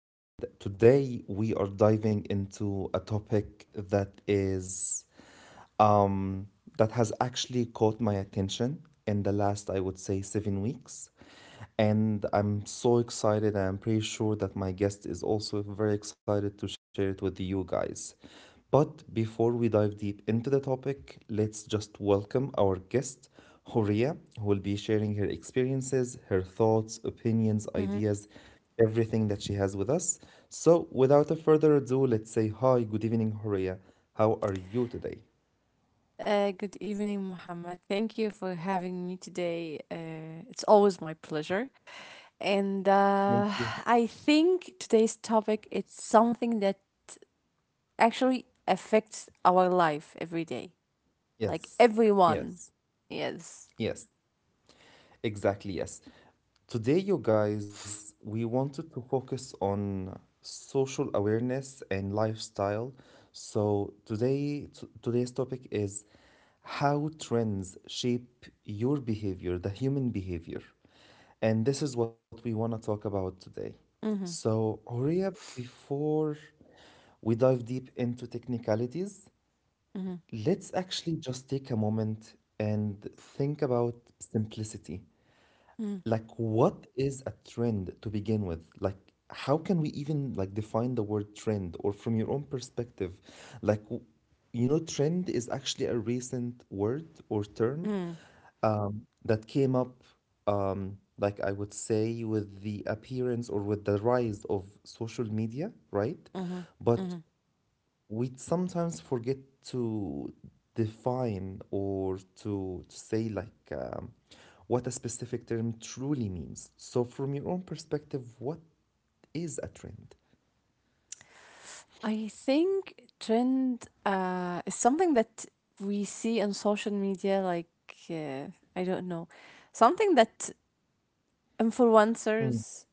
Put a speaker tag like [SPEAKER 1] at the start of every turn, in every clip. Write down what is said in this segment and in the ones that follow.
[SPEAKER 1] and today we are diving into a topic that is um, that has actually caught my attention in the last, I would say, 7 weeks.
[SPEAKER 2] hmm
[SPEAKER 1] And I'm so excited. I'm pretty sure that my guest is also very excited to share it with you guys. But before we dive deep into the topic, let's just welcome our guest, Horia, who will be sharing her experiences, her thoughts, opinions,
[SPEAKER 2] hmm
[SPEAKER 1] ideas, everything that she has with us. So, without a further ado, let's say hi, good evening, Horia. How are you today?
[SPEAKER 2] Good evening, Mohammed. Thank you for having me today. It's always my pleasure. And
[SPEAKER 1] Thank you.
[SPEAKER 2] I think today's topic it's something that actually affects our life every day, like
[SPEAKER 1] Yes,
[SPEAKER 2] everyone.
[SPEAKER 1] yes,
[SPEAKER 2] Yes.
[SPEAKER 1] yes, exactly, yes. Today, you guys, we wanted to focus on social awareness and lifestyle. So today, today's topic is how trends shape your behavior, the human behavior. And this is what we want to talk about today.
[SPEAKER 2] Mm-hmm,
[SPEAKER 1] So, Horia, before we dive deep into technicalities,
[SPEAKER 2] mm-hmm,
[SPEAKER 1] let's actually just take a moment and think about simplicity.
[SPEAKER 2] mm-hmm,
[SPEAKER 1] Like, what is a trend to begin with? Like, how can we even like define the word trend? Or from your own perspective, like, w- you know, trend is actually a recent word or term
[SPEAKER 2] mm-hmm,
[SPEAKER 1] that came up, like I would say, with the appearance or with the rise of social media, right?
[SPEAKER 2] mm-hmm.
[SPEAKER 1] But
[SPEAKER 2] Mm.
[SPEAKER 1] we sometimes forget to define or to say like what a specific term truly means. So from your own perspective, what is a trend?
[SPEAKER 2] I think trend is something that we see on social media, like uh, I don't know, something that
[SPEAKER 1] Mm,
[SPEAKER 2] influencers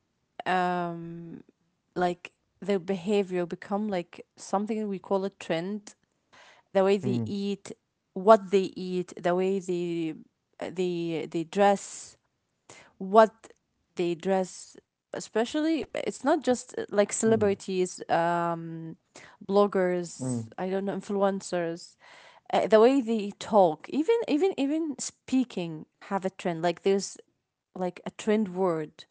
[SPEAKER 2] um like their behavior become like something we call a trend, the way they
[SPEAKER 1] mm,
[SPEAKER 2] eat, what they eat, the way they dress, what they dress, especially it's not just like
[SPEAKER 1] mm,
[SPEAKER 2] celebrities,
[SPEAKER 1] mm,
[SPEAKER 2] bloggers, I don't know, influencers, the way they talk, even speaking have a trend, like there's like a trend word,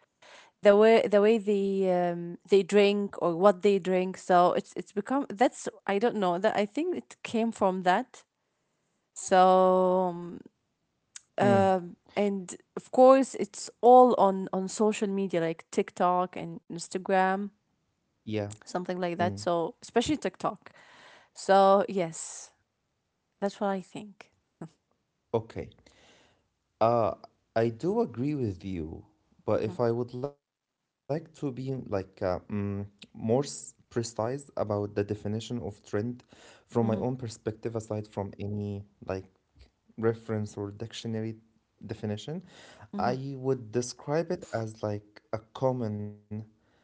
[SPEAKER 2] the way they drink or what they drink. So it's become, that's I don't know, that I think it came from that. so um, uh,
[SPEAKER 1] mm.
[SPEAKER 2] and of course it's all on social media like TikTok and Instagram,
[SPEAKER 1] Yeah. Mm.
[SPEAKER 2] something like that, so especially TikTok. So yes, that's what I think.
[SPEAKER 1] Okay. Uh, I do agree with you, but
[SPEAKER 2] Mm-hmm,
[SPEAKER 1] if I would like to be like precise about the definition of trend from my own
[SPEAKER 2] mm-hmm,
[SPEAKER 1] perspective, aside from any like reference or dictionary definition,
[SPEAKER 2] mm-hmm.
[SPEAKER 1] I would describe it as like a common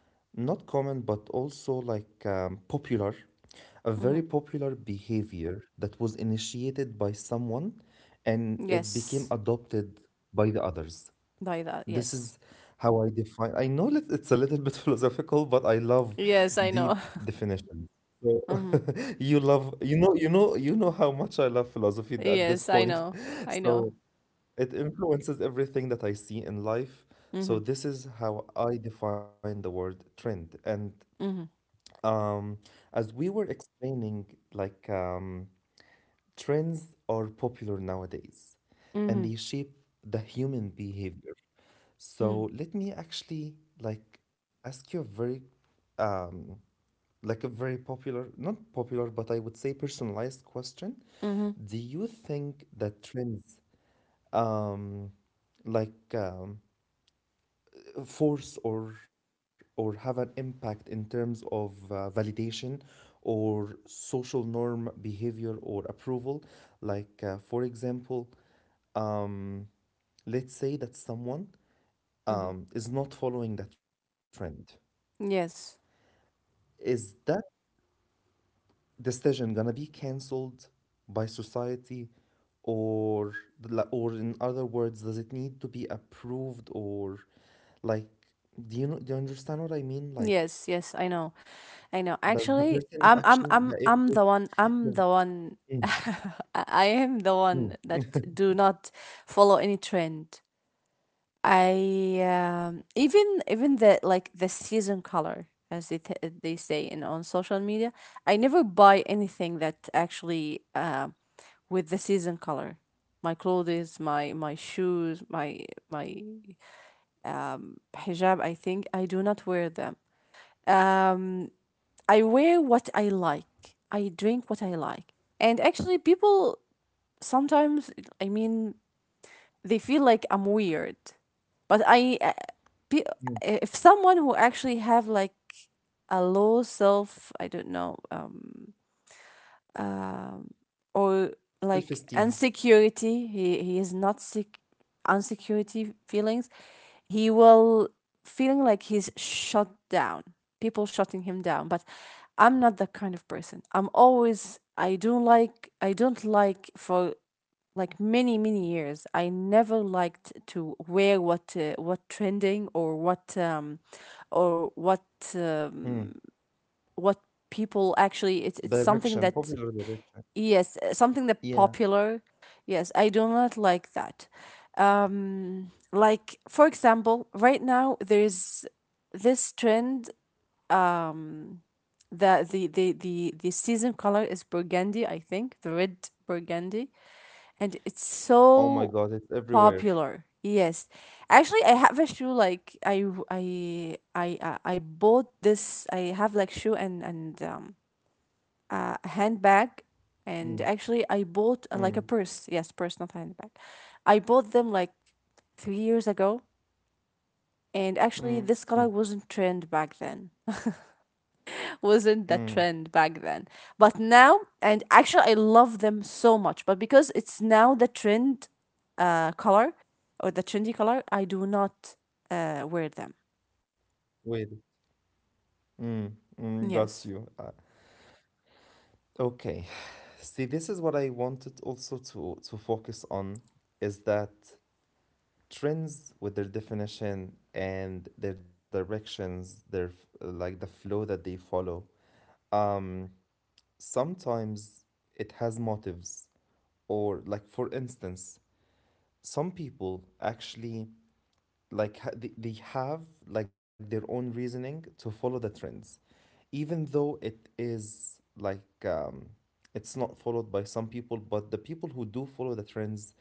[SPEAKER 1] not common but also like popular, a very
[SPEAKER 2] Mm-hmm.
[SPEAKER 1] popular behavior that was initiated by someone and it became
[SPEAKER 2] Yes.
[SPEAKER 1] adopted by the others.
[SPEAKER 2] By that,
[SPEAKER 1] This
[SPEAKER 2] yes.
[SPEAKER 1] is how I define. I know that it's a little bit philosophical, but I love
[SPEAKER 2] Yes, I know.
[SPEAKER 1] deep definitions, so
[SPEAKER 2] Mm-hmm.
[SPEAKER 1] you love, you know, you know, you know how much I love philosophy at
[SPEAKER 2] Yes,
[SPEAKER 1] this
[SPEAKER 2] I
[SPEAKER 1] point.
[SPEAKER 2] know. I know.
[SPEAKER 1] So it influences everything that I see in life. So
[SPEAKER 2] Mm-hmm,
[SPEAKER 1] this is how I define the word trend. And
[SPEAKER 2] mm-hmm.
[SPEAKER 1] um, as we were explaining, like trends are popular nowadays and
[SPEAKER 2] Mm-hmm.
[SPEAKER 1] they shape the human behavior.
[SPEAKER 2] Mm-hmm.
[SPEAKER 1] So let me actually like ask you a very um, not popular, but I would say personalized question.
[SPEAKER 2] Mm-hmm.
[SPEAKER 1] Do you think that trends like force or have an impact in terms of validation or social norm behavior or approval, like for example, um, let's say that someone
[SPEAKER 2] Mm-hmm.
[SPEAKER 1] is not following the trend.
[SPEAKER 2] Yes.
[SPEAKER 1] Is that decision gonna be cancelled by society, or or, in other words, does it need to be approved, or like, do you know, do you understand what I mean, like
[SPEAKER 2] Yes, yes, I know. I know.
[SPEAKER 1] does the
[SPEAKER 2] Actually,
[SPEAKER 1] person actually, yeah, if, yeah,
[SPEAKER 2] I'm the one
[SPEAKER 1] mm,
[SPEAKER 2] I am the one
[SPEAKER 1] mm,
[SPEAKER 2] that
[SPEAKER 1] mm,
[SPEAKER 2] do not follow any trend. I even the like the season color as they they say in on social media. I never buy anything that actually with the season color. My clothes, my shoes, my hijab, I think, I do not wear them. Um, I wear what I like. I drink what I like. And actually, people sometimes, I mean, they feel like I'm weird. But
[SPEAKER 1] mm.
[SPEAKER 2] if someone who actually have like a low self, I don't know, um, or like
[SPEAKER 1] Self-esteem,
[SPEAKER 2] insecurity, he is not sick, insecurity feelings. He will feeling like he's shut down, people shutting him down. But I'm not that kind of person. I'm always, I don't like, I don't like, for like many many years I never liked to wear what, what trending or what, or what, um,
[SPEAKER 1] mm,
[SPEAKER 2] what people actually, it's something
[SPEAKER 1] direction,
[SPEAKER 2] that,
[SPEAKER 1] popular direction.
[SPEAKER 2] yes, something that
[SPEAKER 1] Yeah.
[SPEAKER 2] popular. Yes, I do not like that. Like for example, right now there is this trend. Um, the season color is burgundy. I think the red burgundy, and it's
[SPEAKER 1] Oh my
[SPEAKER 2] so
[SPEAKER 1] God, it's everywhere.
[SPEAKER 2] popular. Yes, actually, I have a shoe, like I I I I bought this. I have like shoe and and a handbag, and
[SPEAKER 1] Mm,
[SPEAKER 2] actually I bought like a
[SPEAKER 1] mm,
[SPEAKER 2] purse. Yes, purse, not handbag. I bought them like 3 years ago. And actually,
[SPEAKER 1] mm,
[SPEAKER 2] this color wasn't trend back then. Wasn't the
[SPEAKER 1] mm.
[SPEAKER 2] trend back then. But now, and actually, I love them so much. But because it's now the trend color, or the trendy color, I do not wear them.
[SPEAKER 1] Wait. Mm, mm,
[SPEAKER 2] Yes.
[SPEAKER 1] got you. Okay. See, this is what I wanted also to focus on is that trends with their definition and their directions, like the flow that they follow. Um, sometimes it has motives, or like for instance some people actually they have like their own reasoning to follow the trends, even though it is like it's not followed by some people. But the people who do follow the trends,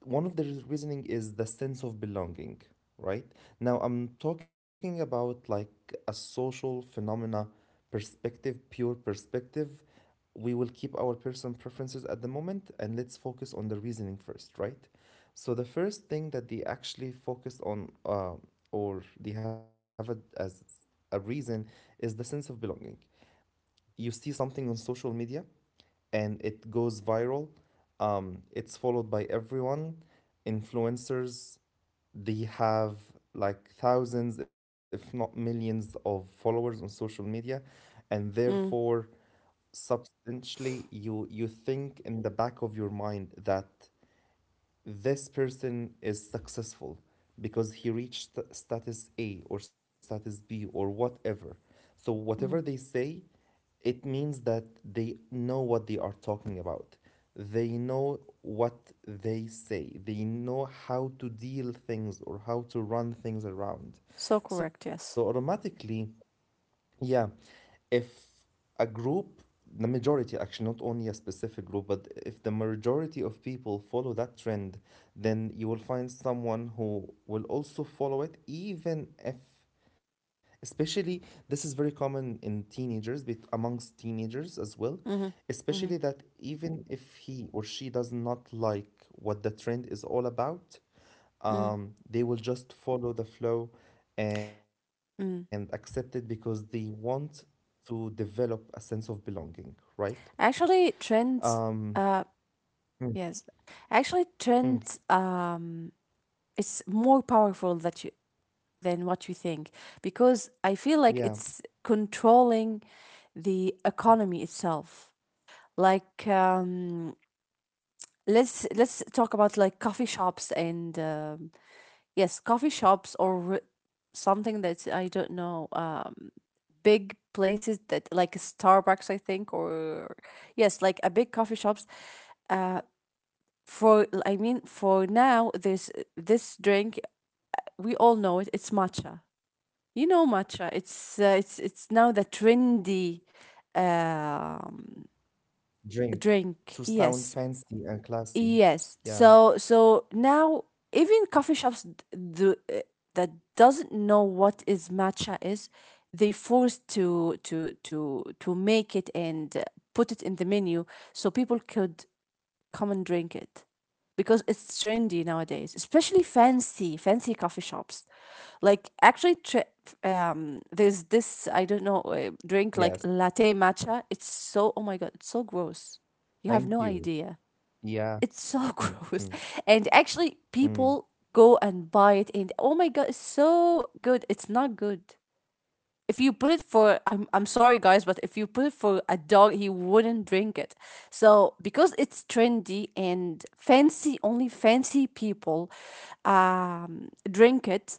[SPEAKER 1] one of the reasoning is the sense of belonging, right? Now I'm talking about like a social phenomena perspective, pure perspective. We will keep our personal preferences at the moment and let's focus on the reasoning first, right? So the first thing that they actually focused on, or they have a as a reason, is the sense of belonging. You see something on social media and it goes viral. It's followed by everyone. Influencers, they have like thousands, if not millions, of followers on social media, and
[SPEAKER 2] Mm,
[SPEAKER 1] therefore, substantially, you think in the back of your mind that this person is successful because he reached status A or status B or whatever. So whatever
[SPEAKER 2] mm.
[SPEAKER 1] they say, it means that they know what they are talking about. They know what they say. They know how to deal things or how to run things around.
[SPEAKER 2] So
[SPEAKER 1] So
[SPEAKER 2] correct. Yes.
[SPEAKER 1] automatically, yeah, if a group, the majority actually, not only a specific group, but if the majority of people follow that trend, then you will find someone who will also follow it, even if, especially, this is very common in teenagers, but amongst teenagers as well,
[SPEAKER 2] Mm-hmm. Mm-hmm.
[SPEAKER 1] especially that even if he or she does not like what the trend is all about,
[SPEAKER 2] Mm-hmm.
[SPEAKER 1] they will just follow the flow and accept it because they want to develop a sense of belonging, right?
[SPEAKER 2] Actually,
[SPEAKER 1] Um,
[SPEAKER 2] trends, uh,
[SPEAKER 1] mm,
[SPEAKER 2] yes, actually,
[SPEAKER 1] mm,
[SPEAKER 2] trends, it's more powerful that you, than what you think, because I feel like
[SPEAKER 1] yeah,
[SPEAKER 2] it's controlling the economy itself. Like, let's talk about like coffee shops and yes, coffee shops, or something that, I don't know, big places that like Starbucks, I think, or yes, like a big coffee shops. Uh, for, I mean, for now there's this drink, we all know it, it's matcha. You know matcha, it's it's now
[SPEAKER 1] yes,
[SPEAKER 2] the
[SPEAKER 1] yes.
[SPEAKER 2] trendy um,
[SPEAKER 1] Drink to
[SPEAKER 2] drink.
[SPEAKER 1] sound
[SPEAKER 2] Yes,
[SPEAKER 1] fancy and classy.
[SPEAKER 2] yes.
[SPEAKER 1] Yeah,
[SPEAKER 2] So so now even coffee shops do, that doesn't know what is matcha is, they forced to make it and put it in the menu so people could come and drink it, because it's trendy nowadays, especially fancy coffee shops. Like actually,
[SPEAKER 1] yes,
[SPEAKER 2] there's this, I don't know, drink like latte
[SPEAKER 1] thank
[SPEAKER 2] matcha. It's
[SPEAKER 1] you.
[SPEAKER 2] so, oh my god, it's so
[SPEAKER 1] Yeah,
[SPEAKER 2] gross. You have no
[SPEAKER 1] mm,
[SPEAKER 2] idea.
[SPEAKER 1] mm,
[SPEAKER 2] It's so gross,
[SPEAKER 1] mm.
[SPEAKER 2] and actually, people go and buy it, and oh my god, it's so good. It's not good. If you put it for, I'm sorry guys, but if you put it for a dog, he wouldn't drink it. So because it's trendy and fancy, only fancy people drink it.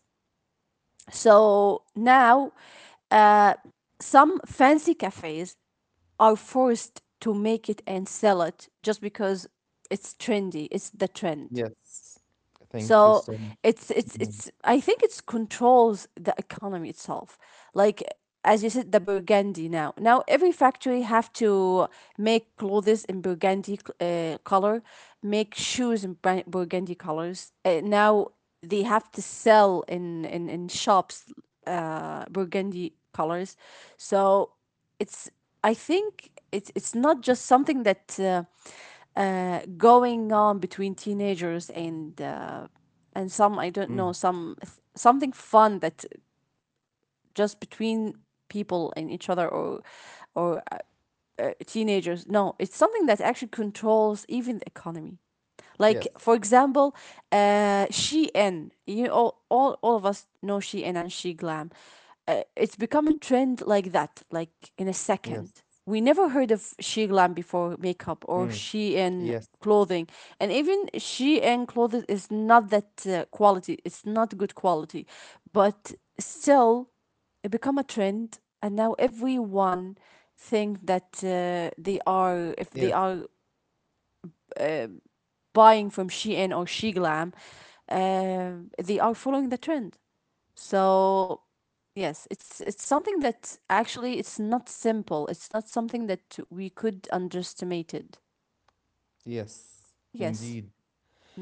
[SPEAKER 2] So now, uh, some fancy cafes are forced to make it and sell it just because it's trendy. It's the trend.
[SPEAKER 1] Yes,
[SPEAKER 2] So
[SPEAKER 1] thank you so
[SPEAKER 2] it's it's
[SPEAKER 1] much.
[SPEAKER 2] it's I
[SPEAKER 1] Mm,
[SPEAKER 2] think it's controls the economy itself. Like as you said, the burgundy now. Now every factory have to make clothes in burgundy color, make shoes in burgundy colors. Now they have to sell in shops, burgundy colors.
[SPEAKER 1] mm,
[SPEAKER 2] So
[SPEAKER 1] yeah,
[SPEAKER 2] it's, I think it's not just something that, going on between teenagers and, and some, I don't know,
[SPEAKER 1] mm,
[SPEAKER 2] some something fun, that's just between people and each other, or teenagers. No, it's something that actually controls even the economy. Like for
[SPEAKER 1] yes,
[SPEAKER 2] example, Shein. You all, all of us know Shein and She Glam.
[SPEAKER 1] yes,
[SPEAKER 2] It's become a trend like that, like in a second.
[SPEAKER 1] mm,
[SPEAKER 2] We never heard
[SPEAKER 1] yes,
[SPEAKER 2] of She Glam before makeup, or Shein clothing, and even Shein clothes is not that quality. It's not good quality, but still, it become a trend, and now
[SPEAKER 1] yes,
[SPEAKER 2] everyone think that, they are, if they are uh, buying from Shein or She Glam, they are following the trend. So yes, it's something that actually it's not simple. It's not something that we could underestimate it.
[SPEAKER 1] yes,
[SPEAKER 2] Yes.
[SPEAKER 1] indeed.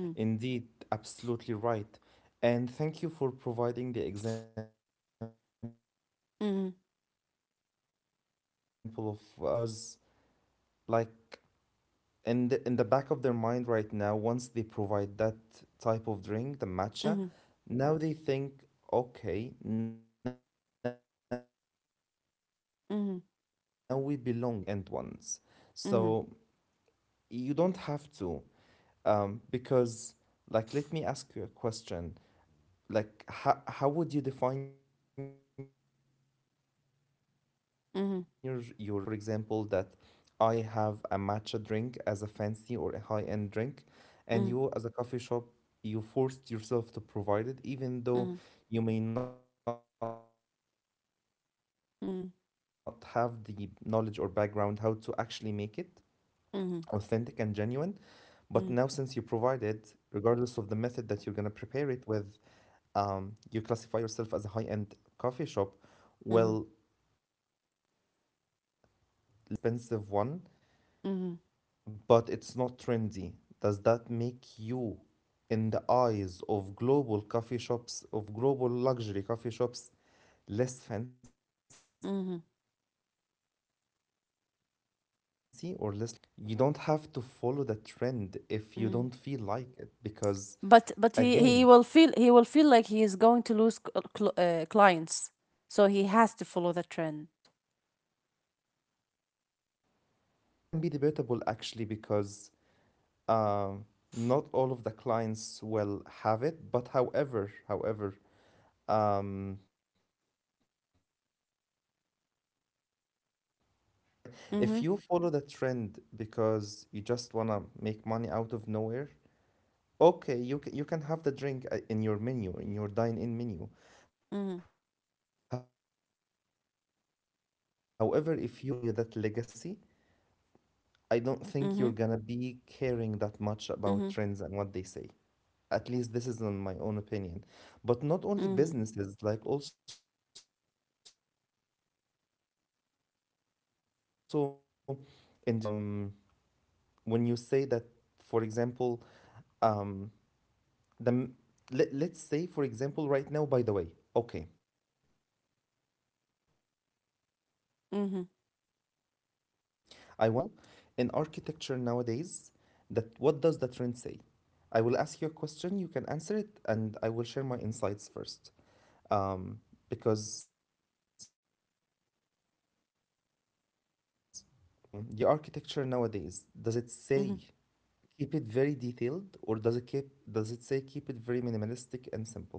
[SPEAKER 2] Mm.
[SPEAKER 1] Indeed, absolutely right. And thank you for providing the example of coffee shops, for
[SPEAKER 2] Mhm,
[SPEAKER 1] example, because like in in the back of their mind right now, once they provide that type of drink, the matcha,
[SPEAKER 2] mhm,
[SPEAKER 1] now they think, okay, now we belong to that category of coffee shops,
[SPEAKER 2] mhm,
[SPEAKER 1] the fancy one or the high-end ones.
[SPEAKER 2] mhm,
[SPEAKER 1] So you don't have to, because like let me ask you a question. Like how would you define your your high end status
[SPEAKER 2] mhm,
[SPEAKER 1] if the trend says for example that I have a matcha drink as a fancy or a high end drink, and you
[SPEAKER 2] mhm,
[SPEAKER 1] as a coffee shop, you forced yourself to provide it even though
[SPEAKER 2] mhm.
[SPEAKER 1] you may not have the knowledge or background how to actually make it authentic and genuine, but now since you provide
[SPEAKER 2] mhm,
[SPEAKER 1] it
[SPEAKER 2] mhm,
[SPEAKER 1] regardless of the method that you're going to
[SPEAKER 2] mhm,
[SPEAKER 1] prepare it with, you classify yourself as a high-end coffee shop, well, let's say that
[SPEAKER 2] mhm,
[SPEAKER 1] there is actually like a more expensive one,
[SPEAKER 2] mhm,
[SPEAKER 1] but it's not trendy. Does that make you, in the eyes of global coffee shops, of global luxury coffee shops, less fancy or less
[SPEAKER 2] mhm,
[SPEAKER 1] luxurious? Think about it that way. So you don't have to follow the trend if you don't
[SPEAKER 2] mhm.
[SPEAKER 1] feel like it, because
[SPEAKER 2] But
[SPEAKER 1] again,
[SPEAKER 2] he will feel, he will feel like he is going to lose clients, so he has to follow the trend.
[SPEAKER 1] Um, that can be debatable actually because um, not all of the clients will have it. But however, however, um, it depends also on your direction as a business, right?
[SPEAKER 2] Mm-hmm.
[SPEAKER 1] If you follow the trend because you just want to make money out of nowhere, okay, you can have the drink in your menu, in your dine-in menu. However,
[SPEAKER 2] Mm-hmm.
[SPEAKER 1] if you are a business that is built on legacy and you want to continue that legacy, I don't think you're
[SPEAKER 2] Mm-hmm.
[SPEAKER 1] gonna be caring that much about
[SPEAKER 2] Mm-hmm.
[SPEAKER 1] trends and what they say. At least this is in my own opinion. But not only
[SPEAKER 2] Mm-hmm.
[SPEAKER 1] businesses, like also individuals as well. Like for instance, um, when you say that, for example, um, the let, let's say for example right now, by the way, okay, I want to mention something as well that is trendy just as a
[SPEAKER 2] Mm-hmm.
[SPEAKER 1] supportive example in architecture nowadays. That what does the trend say? I will ask you a question, you can answer it, and I will share my insights first. um, because um, I really want to talk about it. The architecture nowadays, does it say
[SPEAKER 2] Mm-hmm.
[SPEAKER 1] keep it very detailed, or does it keep does it say keep it very minimalistic and simple?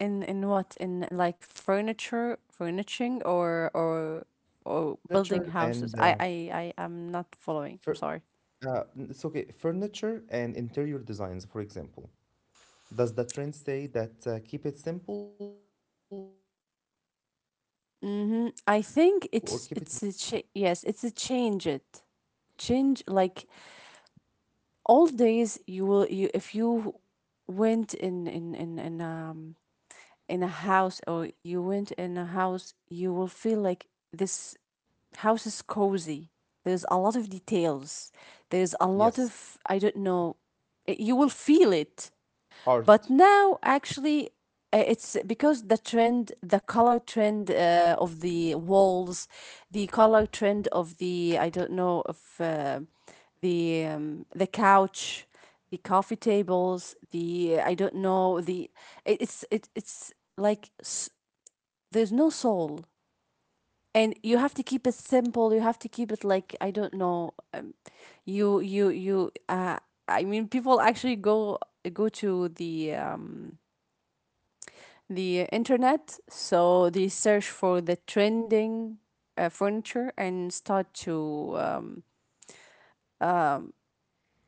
[SPEAKER 2] In what? In like furniture, furnishing,
[SPEAKER 1] Furniture,
[SPEAKER 2] or
[SPEAKER 1] furniture
[SPEAKER 2] building
[SPEAKER 1] and
[SPEAKER 2] houses. I am not following. I'm
[SPEAKER 1] fur
[SPEAKER 2] sorry.
[SPEAKER 1] it's okay. Furniture and interior designs, for example. Does the trend say that keep it simple or keep it very detailed?
[SPEAKER 2] Mm-hmm. I
[SPEAKER 1] Generally
[SPEAKER 2] think
[SPEAKER 1] speaking,
[SPEAKER 2] it's a yes, it's a change it. Change like all days you will you, if you went in a house, or you went in a house, you will feel like this house is cozy. There's a lot of details. There's a lot
[SPEAKER 1] yes.
[SPEAKER 2] of, I don't know, eh, you will feel it. But
[SPEAKER 1] Art,
[SPEAKER 2] now, actually, eh, it's because the trend, the color trend of the walls, the color trend of the, I don't know, of the couch, the coffee tables, the, I don't know, the, it's like there's no soul, and you have to keep it simple. You have to keep it like, I don't know, you I mean, people actually go to the internet, so they search for the trending furniture and start to um,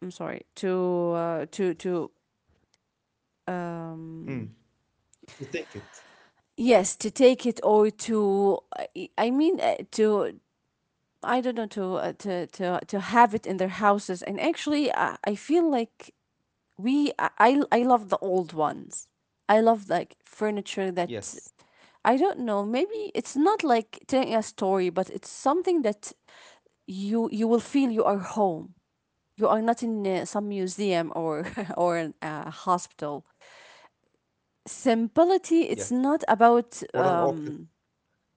[SPEAKER 2] I'm sorry to
[SPEAKER 1] mm.
[SPEAKER 2] um,
[SPEAKER 1] To take it,
[SPEAKER 2] yes, to take it, or to, I mean, to, I don't know, to to have it in their houses. And actually, I feel like we, I love the old ones. I love like furniture
[SPEAKER 1] yes,
[SPEAKER 2] that, I don't know. Maybe it's not like telling a story, but it's something that you will feel you are home. You are not in some museum, or or an, hospital.
[SPEAKER 1] yes.
[SPEAKER 2] Simplicity. It's not
[SPEAKER 1] Or an
[SPEAKER 2] about
[SPEAKER 1] office,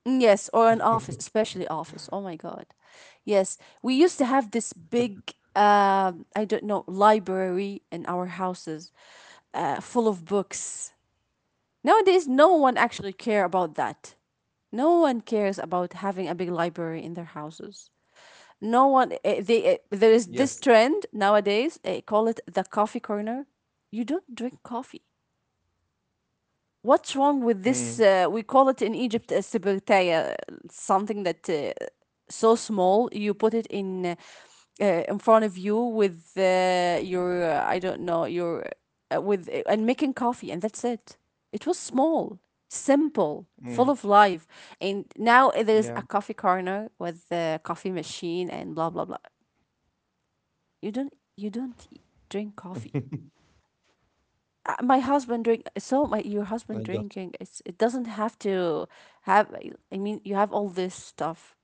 [SPEAKER 2] yes, or an office, especially office. Oh my god. Yes, we used to have this big, I don't know, library in our houses, full of books. Nowadays, no one actually care about that. No one cares about having a big library in their houses. No one. They there is this
[SPEAKER 1] yes.
[SPEAKER 2] trend nowadays. Call it the coffee corner. You don't drink coffee. What's wrong with this?
[SPEAKER 1] Mm,
[SPEAKER 2] We call it in Egypt a uh, something that so small, you put it in front of you, with your I don't know, your with and making coffee, and that's it. It was small, simple, full
[SPEAKER 1] mm,
[SPEAKER 2] of life.
[SPEAKER 1] yeah,
[SPEAKER 2] And now there's a coffee corner with the coffee machine and blah blah blah. You don't, drink coffee. My husband drink, so my, your husband
[SPEAKER 1] I got
[SPEAKER 2] drinking,
[SPEAKER 1] you.
[SPEAKER 2] it's, it doesn't have to have, I mean, you have all this stuff.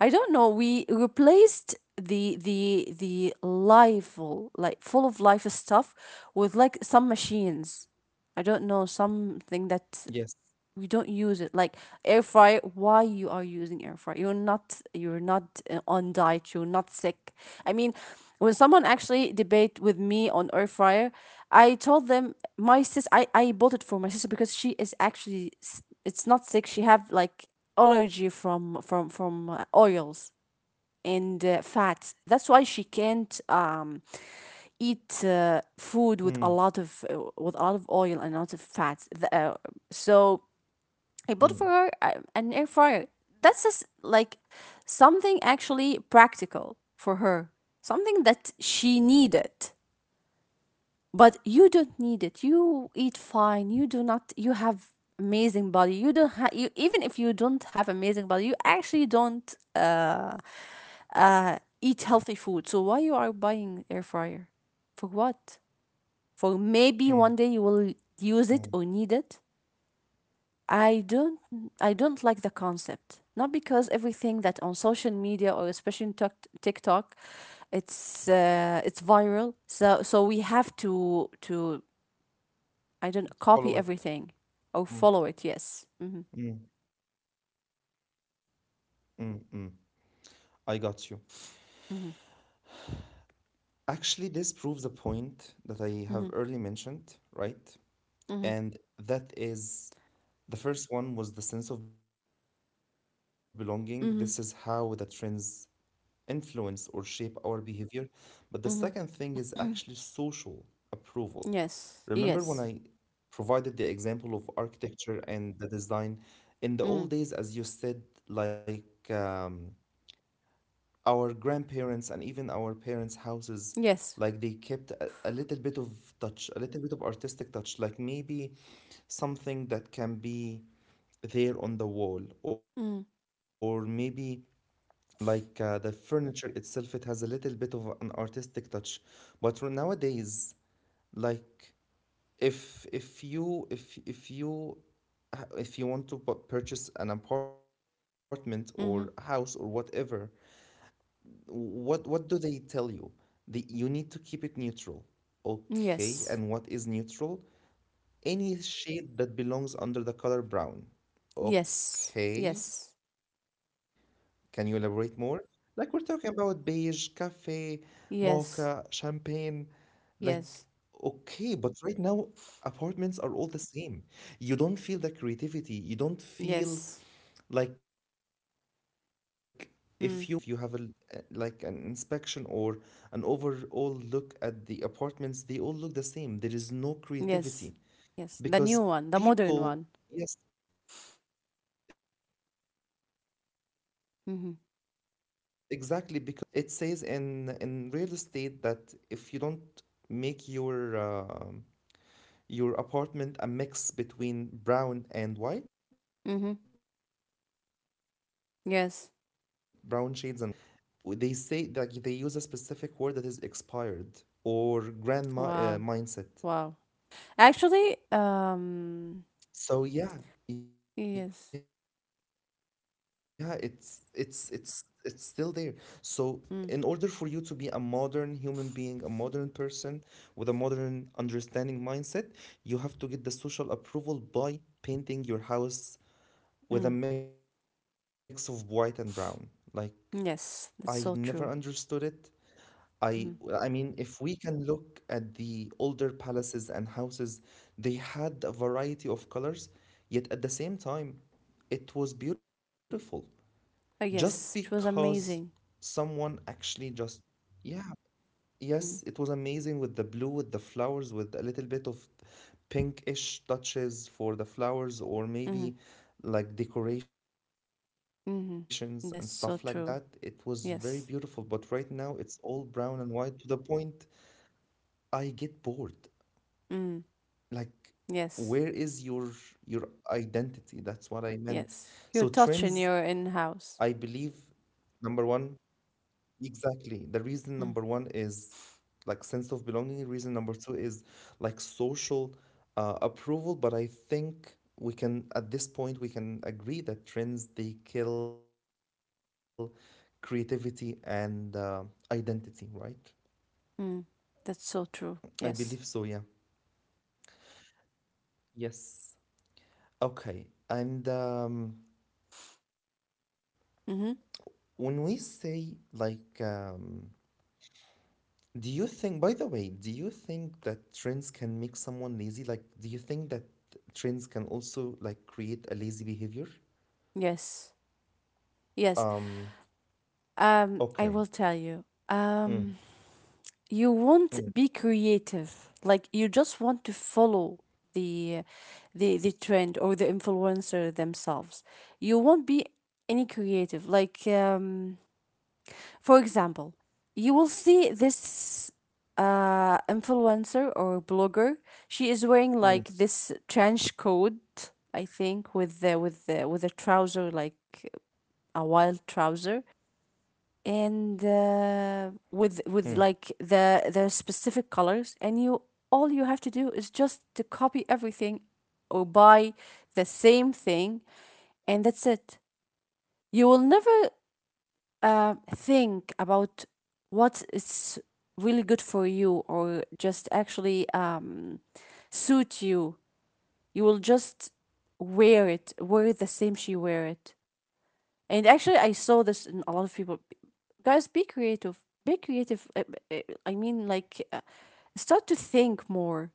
[SPEAKER 2] I don't know. We replaced the life, like full of life stuff, with like some machines. I don't know, something that you
[SPEAKER 1] Yes.
[SPEAKER 2] don't use it, like air fryer. Why you are using air fryer? You're not, you're not on diet, you're not sick. I mean, when someone actually debate with me on air fryer, I told them my I bought it for my sister because she is actually it's not sick, she have like allergy from oils and fats. That's why she can't eat food with a lot of,
[SPEAKER 1] Mm,
[SPEAKER 2] with a lot of oil and a lot of fats. So I bought for
[SPEAKER 1] mm,
[SPEAKER 2] an air fryer. That's just like something actually practical for her, something that she needed. But you don't need it. You eat fine. You do not. You have amazing body. You don't have. You, even if you don't have amazing body, you actually don't eat healthy food. So why you are buying air fryer? For what? For maybe one day you will
[SPEAKER 1] mm,
[SPEAKER 2] use it or need it.
[SPEAKER 1] mm.
[SPEAKER 2] I don't I don't like the concept. Not because everything that on social media, or especially in TikTok, it's viral. So so we have to, I don't copy everything or
[SPEAKER 1] Follow it.
[SPEAKER 2] follow it. Yes. Mm-hmm.
[SPEAKER 1] Mm, mm, mm, mm. I got you. Actually, this proves a point that I
[SPEAKER 2] Mm-hmm.
[SPEAKER 1] have early mentioned, right?
[SPEAKER 2] Mm-hmm.
[SPEAKER 1] And that is the first one was the sense of belonging. This is how the
[SPEAKER 2] Mm-hmm. Mm-hmm.
[SPEAKER 1] trends influence or shape our behavior. But the second thing
[SPEAKER 2] Mm-hmm.
[SPEAKER 1] is actually social approval. Remember
[SPEAKER 2] Yes.
[SPEAKER 1] when I
[SPEAKER 2] Yes.
[SPEAKER 1] provided the example of architecture and the design in the
[SPEAKER 2] Mm-hmm.
[SPEAKER 1] old days, as you said, like our grandparents and even our parents' houses,
[SPEAKER 2] Yes.
[SPEAKER 1] like they kept a little bit of touch, a little bit of artistic touch, like maybe something that can be there on the wall,
[SPEAKER 2] Mm-hmm.
[SPEAKER 1] or maybe like the furniture itself, it has a little bit of an artistic touch. But nowadays, like if if you if if you if you want to purchase an apartment or
[SPEAKER 2] Mm-hmm.
[SPEAKER 1] house or whatever, what do they tell you? The, you need to keep it neutral. Okay,
[SPEAKER 2] Yes.
[SPEAKER 1] and what is neutral? Any shade that belongs under the color brown.
[SPEAKER 2] Yes. Yes.
[SPEAKER 1] Okay, can you elaborate more? Like we're talking about beige, cafe, mocha,
[SPEAKER 2] Yes.
[SPEAKER 1] champagne. Like,
[SPEAKER 2] Yes.
[SPEAKER 1] okay, but right now apartments are all the same. You don't feel the creativity. You don't feel like
[SPEAKER 2] Yes.
[SPEAKER 1] if you went to a modern district in Cairo, for example, and you've
[SPEAKER 2] Mm.
[SPEAKER 1] if you have a like an inspection or an overall look at the apartments, they all look the same. There is no
[SPEAKER 2] Yes.
[SPEAKER 1] creativity
[SPEAKER 2] Yes. The new
[SPEAKER 1] because
[SPEAKER 2] one, the modern
[SPEAKER 1] people,
[SPEAKER 2] one.
[SPEAKER 1] yes, exactly, because what does the trend say? And this is very realistic, by the way, you
[SPEAKER 2] Mhm.
[SPEAKER 1] guys. It says in real estate that if you don't make your apartment a mix between brown and white, brown shades and
[SPEAKER 2] Mhm.
[SPEAKER 1] white, then you are outdated.
[SPEAKER 2] Yes.
[SPEAKER 1] By the way, they say that they use a specific word that is expired or grandma
[SPEAKER 2] Wow.
[SPEAKER 1] mindset.
[SPEAKER 2] Wow. Actually,
[SPEAKER 1] So yeah, yeah, it's
[SPEAKER 2] yes.
[SPEAKER 1] it's it's it's still there. So in order for you to be a modern human
[SPEAKER 2] Mm.
[SPEAKER 1] being, a modern person with a modern understanding mindset, you have to get the social approval by painting your house with a mix
[SPEAKER 2] Mm.
[SPEAKER 1] of white and brown. Like I never
[SPEAKER 2] Yes, that's so
[SPEAKER 1] understood
[SPEAKER 2] true.
[SPEAKER 1] it. I I
[SPEAKER 2] Mm.
[SPEAKER 1] mean, if we can look at the older palaces and houses, they had a variety of colors, yet at the same time, it was beautiful. Just
[SPEAKER 2] Yes, it was
[SPEAKER 1] because
[SPEAKER 2] amazing.
[SPEAKER 1] someone actually just yeah,
[SPEAKER 2] Mm.
[SPEAKER 1] yes, it was amazing with the blue, with the flowers, with a little bit of pinkish touches for the flowers,
[SPEAKER 2] Mhm.
[SPEAKER 1] or maybe like decorations and stuff
[SPEAKER 2] Mhm.
[SPEAKER 1] like that.
[SPEAKER 2] That's
[SPEAKER 1] It
[SPEAKER 2] so
[SPEAKER 1] was
[SPEAKER 2] true.
[SPEAKER 1] very beautiful, but right
[SPEAKER 2] Yes.
[SPEAKER 1] now it's all brown and white to the point I get bored.
[SPEAKER 2] Mm.
[SPEAKER 1] Like, where
[SPEAKER 2] Yes.
[SPEAKER 1] is your identity? That's what I meant.
[SPEAKER 2] Yes. You're
[SPEAKER 1] So
[SPEAKER 2] touching
[SPEAKER 1] trends,
[SPEAKER 2] your
[SPEAKER 1] I
[SPEAKER 2] in-house.
[SPEAKER 1] believe, number one, exactly. The reason
[SPEAKER 2] Mm.
[SPEAKER 1] number one is like sense of belonging. Reason number two is like social approval. But I think we can, at this point, we can agree that trends they kill creativity and identity, right?
[SPEAKER 2] Mm. That's so true.
[SPEAKER 1] I believe
[SPEAKER 2] Yes.
[SPEAKER 1] so, yeah. Yes. Okay. And
[SPEAKER 2] Mhm.
[SPEAKER 1] when we say like do you think, by the way, do you think that trends can make someone lazy? Like, do you think that trends can also like create a lazy behavior?
[SPEAKER 2] Yes. Yes.
[SPEAKER 1] Um,
[SPEAKER 2] I will tell
[SPEAKER 1] okay.
[SPEAKER 2] you. Um
[SPEAKER 1] Mm,
[SPEAKER 2] you won't be
[SPEAKER 1] mm,
[SPEAKER 2] creative, like you just want to follow the the trend, or the influencer themselves. You won't be any creative, like for example, you will see this influencer or blogger, she is wearing like this trench coat, I
[SPEAKER 1] mm,
[SPEAKER 2] think, with the, with a trouser, like a wild trouser, and with like
[SPEAKER 1] mm,
[SPEAKER 2] the specific colors. And you, all you have to do is just to copy everything, or buy the same thing, and that's it. You will never think about what is really good for you, or just actually suit you. You will just wear it, wear the same she wear it. And actually, I saw this in a lot of people. Guys, be
[SPEAKER 1] mm,
[SPEAKER 2] creative. Be creative. Uh, I mean, like, start to think more.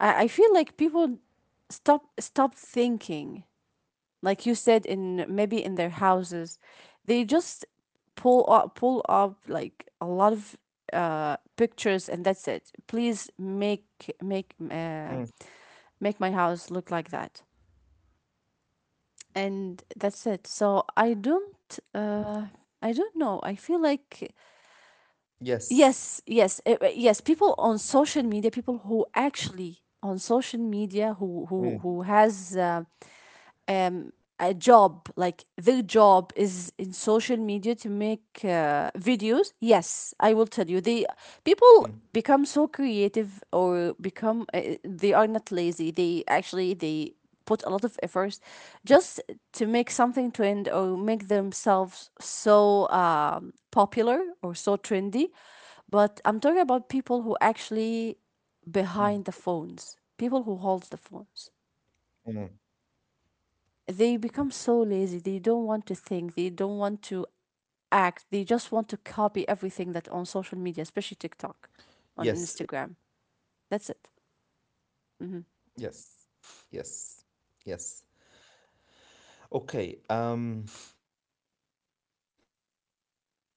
[SPEAKER 2] I feel like people stop thinking. Like you said, in maybe in their houses, they just pull up like a lot of pictures, and that's it. Please make make
[SPEAKER 1] mm.
[SPEAKER 2] uh, make my house look like that. And that's it. So I don't,
[SPEAKER 1] Yes,
[SPEAKER 2] uh i
[SPEAKER 1] yes.
[SPEAKER 2] don't know I feel like, yes, yes, yes, people on social media, people who actually on social media, who has
[SPEAKER 1] Mm,
[SPEAKER 2] um, a job, like their job is in social media to make videos, yes, I will tell you. They,
[SPEAKER 1] mm,
[SPEAKER 2] people become so creative, or become they are not lazy. They actually, they put a lot of efforts just to make something trend, or make themselves so popular or so trendy. But I'm talking about people who actually behind the
[SPEAKER 1] mm,
[SPEAKER 2] phones, people who hold the phones,
[SPEAKER 1] mm.
[SPEAKER 2] they become so lazy. They don't want to think. They don't want
[SPEAKER 1] Yes,
[SPEAKER 2] to
[SPEAKER 1] exactly.
[SPEAKER 2] act. They just want to copy everything that on social media, especially TikTok, on Instagram. That's it. Mm-hmm.
[SPEAKER 1] Yes, yes, yes. Okay. You know, while you were explaining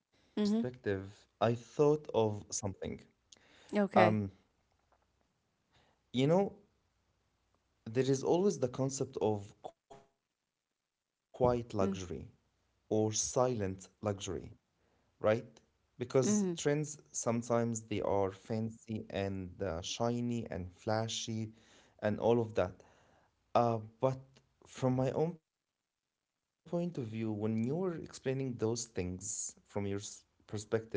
[SPEAKER 2] Mm-hmm.
[SPEAKER 1] your own perspective, I thought of something.
[SPEAKER 2] Okay.
[SPEAKER 1] Um, you know, there is always the concept of quiet
[SPEAKER 2] Mm.
[SPEAKER 1] luxury or silent luxury, right?
[SPEAKER 2] Mm-hmm.
[SPEAKER 1] Because trends sometimes they are fancy and shiny and flashy and all of that. But from my own point of view, when you were explaining those things from your perspective,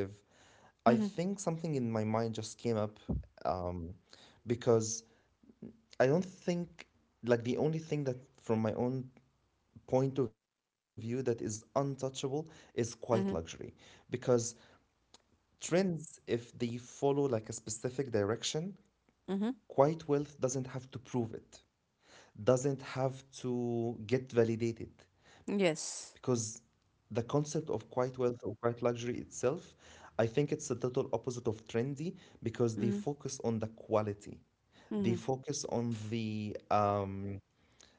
[SPEAKER 1] I
[SPEAKER 2] Mm-hmm.
[SPEAKER 1] think something in my mind just came up um, because I don't think like the only thing that from my own point of view that is untouchable is quiet
[SPEAKER 2] Mm-hmm.
[SPEAKER 1] luxury because trends if they follow like a specific direction,
[SPEAKER 2] Mm-hmm.
[SPEAKER 1] quiet wealth doesn't have to prove it, doesn't have to get validated
[SPEAKER 2] Yes.
[SPEAKER 1] because the concept of quiet wealth or quiet luxury itself, I think it's the total opposite of trendy because
[SPEAKER 2] Mm-hmm.
[SPEAKER 1] they focus on the quality,
[SPEAKER 2] Mm-hmm.
[SPEAKER 1] they focus on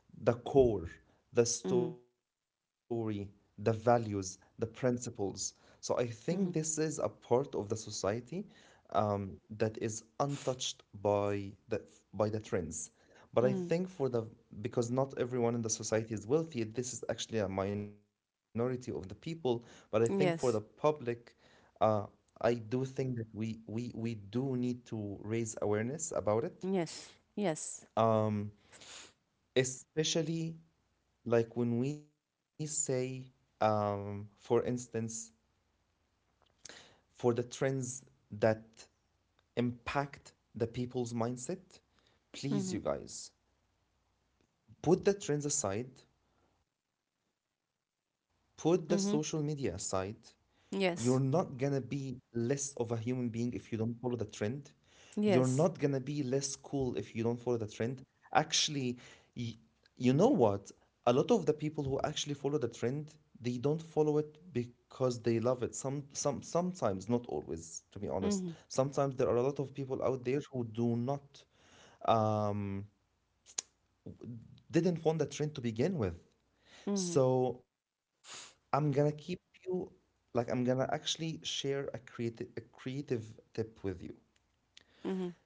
[SPEAKER 1] the core,
[SPEAKER 2] Mm-hmm.
[SPEAKER 1] the story, the values, the principles. So I think this
[SPEAKER 2] Mm-hmm.
[SPEAKER 1] is a part of the society that is untouched by the trends. But I
[SPEAKER 2] Mm-hmm.
[SPEAKER 1] think for the, because not everyone in the society is wealthy, this is actually a minority of the people. But I think for the
[SPEAKER 2] Yes.
[SPEAKER 1] public, uh, I do think that we do need to raise awareness about it,
[SPEAKER 2] Yes. Yes.
[SPEAKER 1] um, especially like when we say, for instance, for the trends that impact the people's mindset,
[SPEAKER 2] Mm-hmm.
[SPEAKER 1] please, you guys, put the trends aside, put the social media
[SPEAKER 2] Mm-hmm.
[SPEAKER 1] aside. You're not gonna
[SPEAKER 2] Yes.
[SPEAKER 1] be less of a human being if you don't follow the trend. You're not gonna be
[SPEAKER 2] Yes.
[SPEAKER 1] less cool if you don't follow the trend. Actually, y- you know what? A lot of the people who actually follow the trend, they don't follow it because they love it. Sometimes, not always, to be
[SPEAKER 2] Mm-hmm.
[SPEAKER 1] honest. Sometimes there are a lot of people out there who do not, um, didn't want the trend to begin with.
[SPEAKER 2] Mm-hmm.
[SPEAKER 1] So I'm gonna keep you, like I'm gonna actually share a creative tip with you.
[SPEAKER 2] Mm-hmm.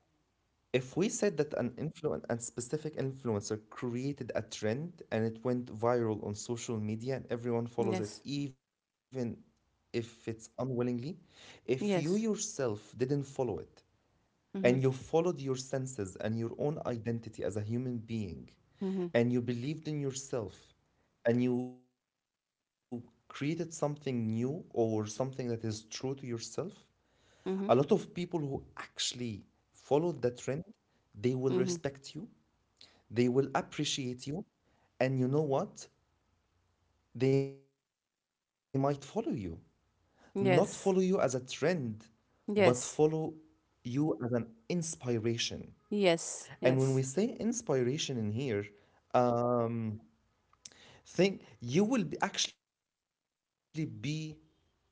[SPEAKER 1] If we said that an influent and specific influencer created a trend and it went viral on social media and everyone follows it,
[SPEAKER 2] Yes.
[SPEAKER 1] even if it's unwillingly, if you
[SPEAKER 2] Yes.
[SPEAKER 1] yourself didn't follow it, and you
[SPEAKER 2] Mm-hmm.
[SPEAKER 1] followed your senses and your own identity as a human being
[SPEAKER 2] Mm-hmm.
[SPEAKER 1] and you believed in yourself and you created something new or something that is true to yourself, a lot of people
[SPEAKER 2] Mm-hmm.
[SPEAKER 1] who actually follow the trend, they will respect
[SPEAKER 2] Mm-hmm.
[SPEAKER 1] you, they will appreciate you, and you know what, they might follow you, not follow you as a trend,
[SPEAKER 2] Yes.
[SPEAKER 1] but follow
[SPEAKER 2] Yes.
[SPEAKER 1] you as an inspiration. And when we
[SPEAKER 2] Yes,
[SPEAKER 1] say
[SPEAKER 2] yes.
[SPEAKER 1] inspiration in here, um, think you will be actually be the same person,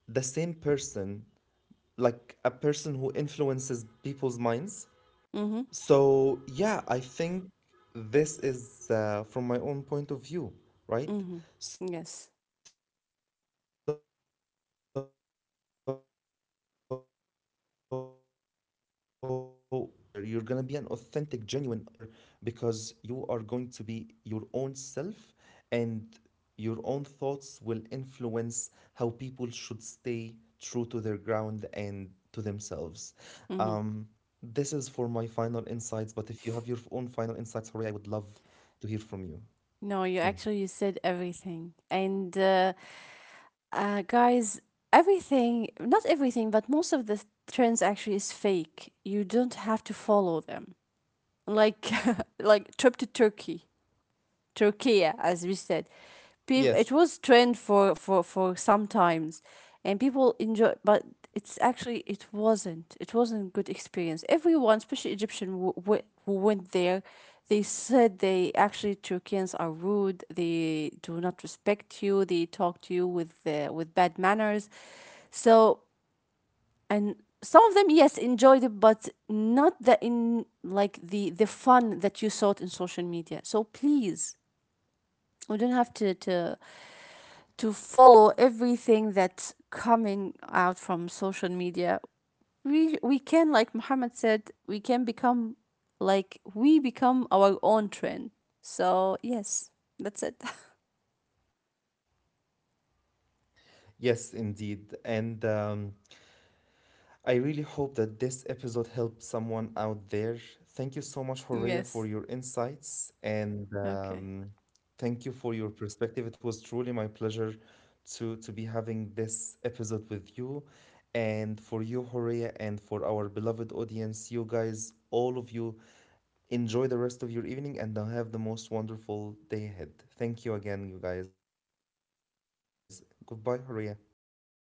[SPEAKER 1] like a person who influences people's minds.
[SPEAKER 2] Mm-hmm.
[SPEAKER 1] So, yeah, I think this is from my own point of view, right?
[SPEAKER 2] Mm-hmm.
[SPEAKER 1] So,
[SPEAKER 2] Yes.
[SPEAKER 1] again, but you're not gonna be a social media influencer. You're gonna be an authentic, genuine influencer because you are going to be your own self and your own thoughts will influence how people should stay true to their ground and to themselves. Um,
[SPEAKER 2] Mm-hmm.
[SPEAKER 1] this is for my final insights, but if you have your own final insights, Horea, I would love to hear from you.
[SPEAKER 2] No, you
[SPEAKER 1] Mm.
[SPEAKER 2] actually you said everything. And guys, everything, not everything, but most of the trends actually is fake. You don't have to follow them. Like like trip to Turkey. Turkey, as we said. Peop
[SPEAKER 1] Yes,
[SPEAKER 2] it was trend for some times, and people enjoy, but it's actually it wasn't. It wasn't good experience. Everyone, especially Egyptian, who went there, they said they actually Turkians are rude. They do not respect you. They talk to you with bad manners. So, and some of them yes enjoyed it, but not the, in like the fun that you saw it in social media. So please, we don't have to follow everything that's coming out from social media. We can, like Muhammad said, we can become, like we become our own trend. So yes, that's it.
[SPEAKER 1] yes, indeed. And I really hope that this episode helped someone out there. Thank you so much, Horea, for your insights and
[SPEAKER 2] Okay.
[SPEAKER 1] thank you for your perspective. It was truly my pleasure to be having this episode with you. And for you, Horea, and for our beloved audience, you guys, all of you, enjoy the rest of your evening and have the most wonderful day ahead. Thank you again, you guys. Goodbye, Horea.
[SPEAKER 2] Good.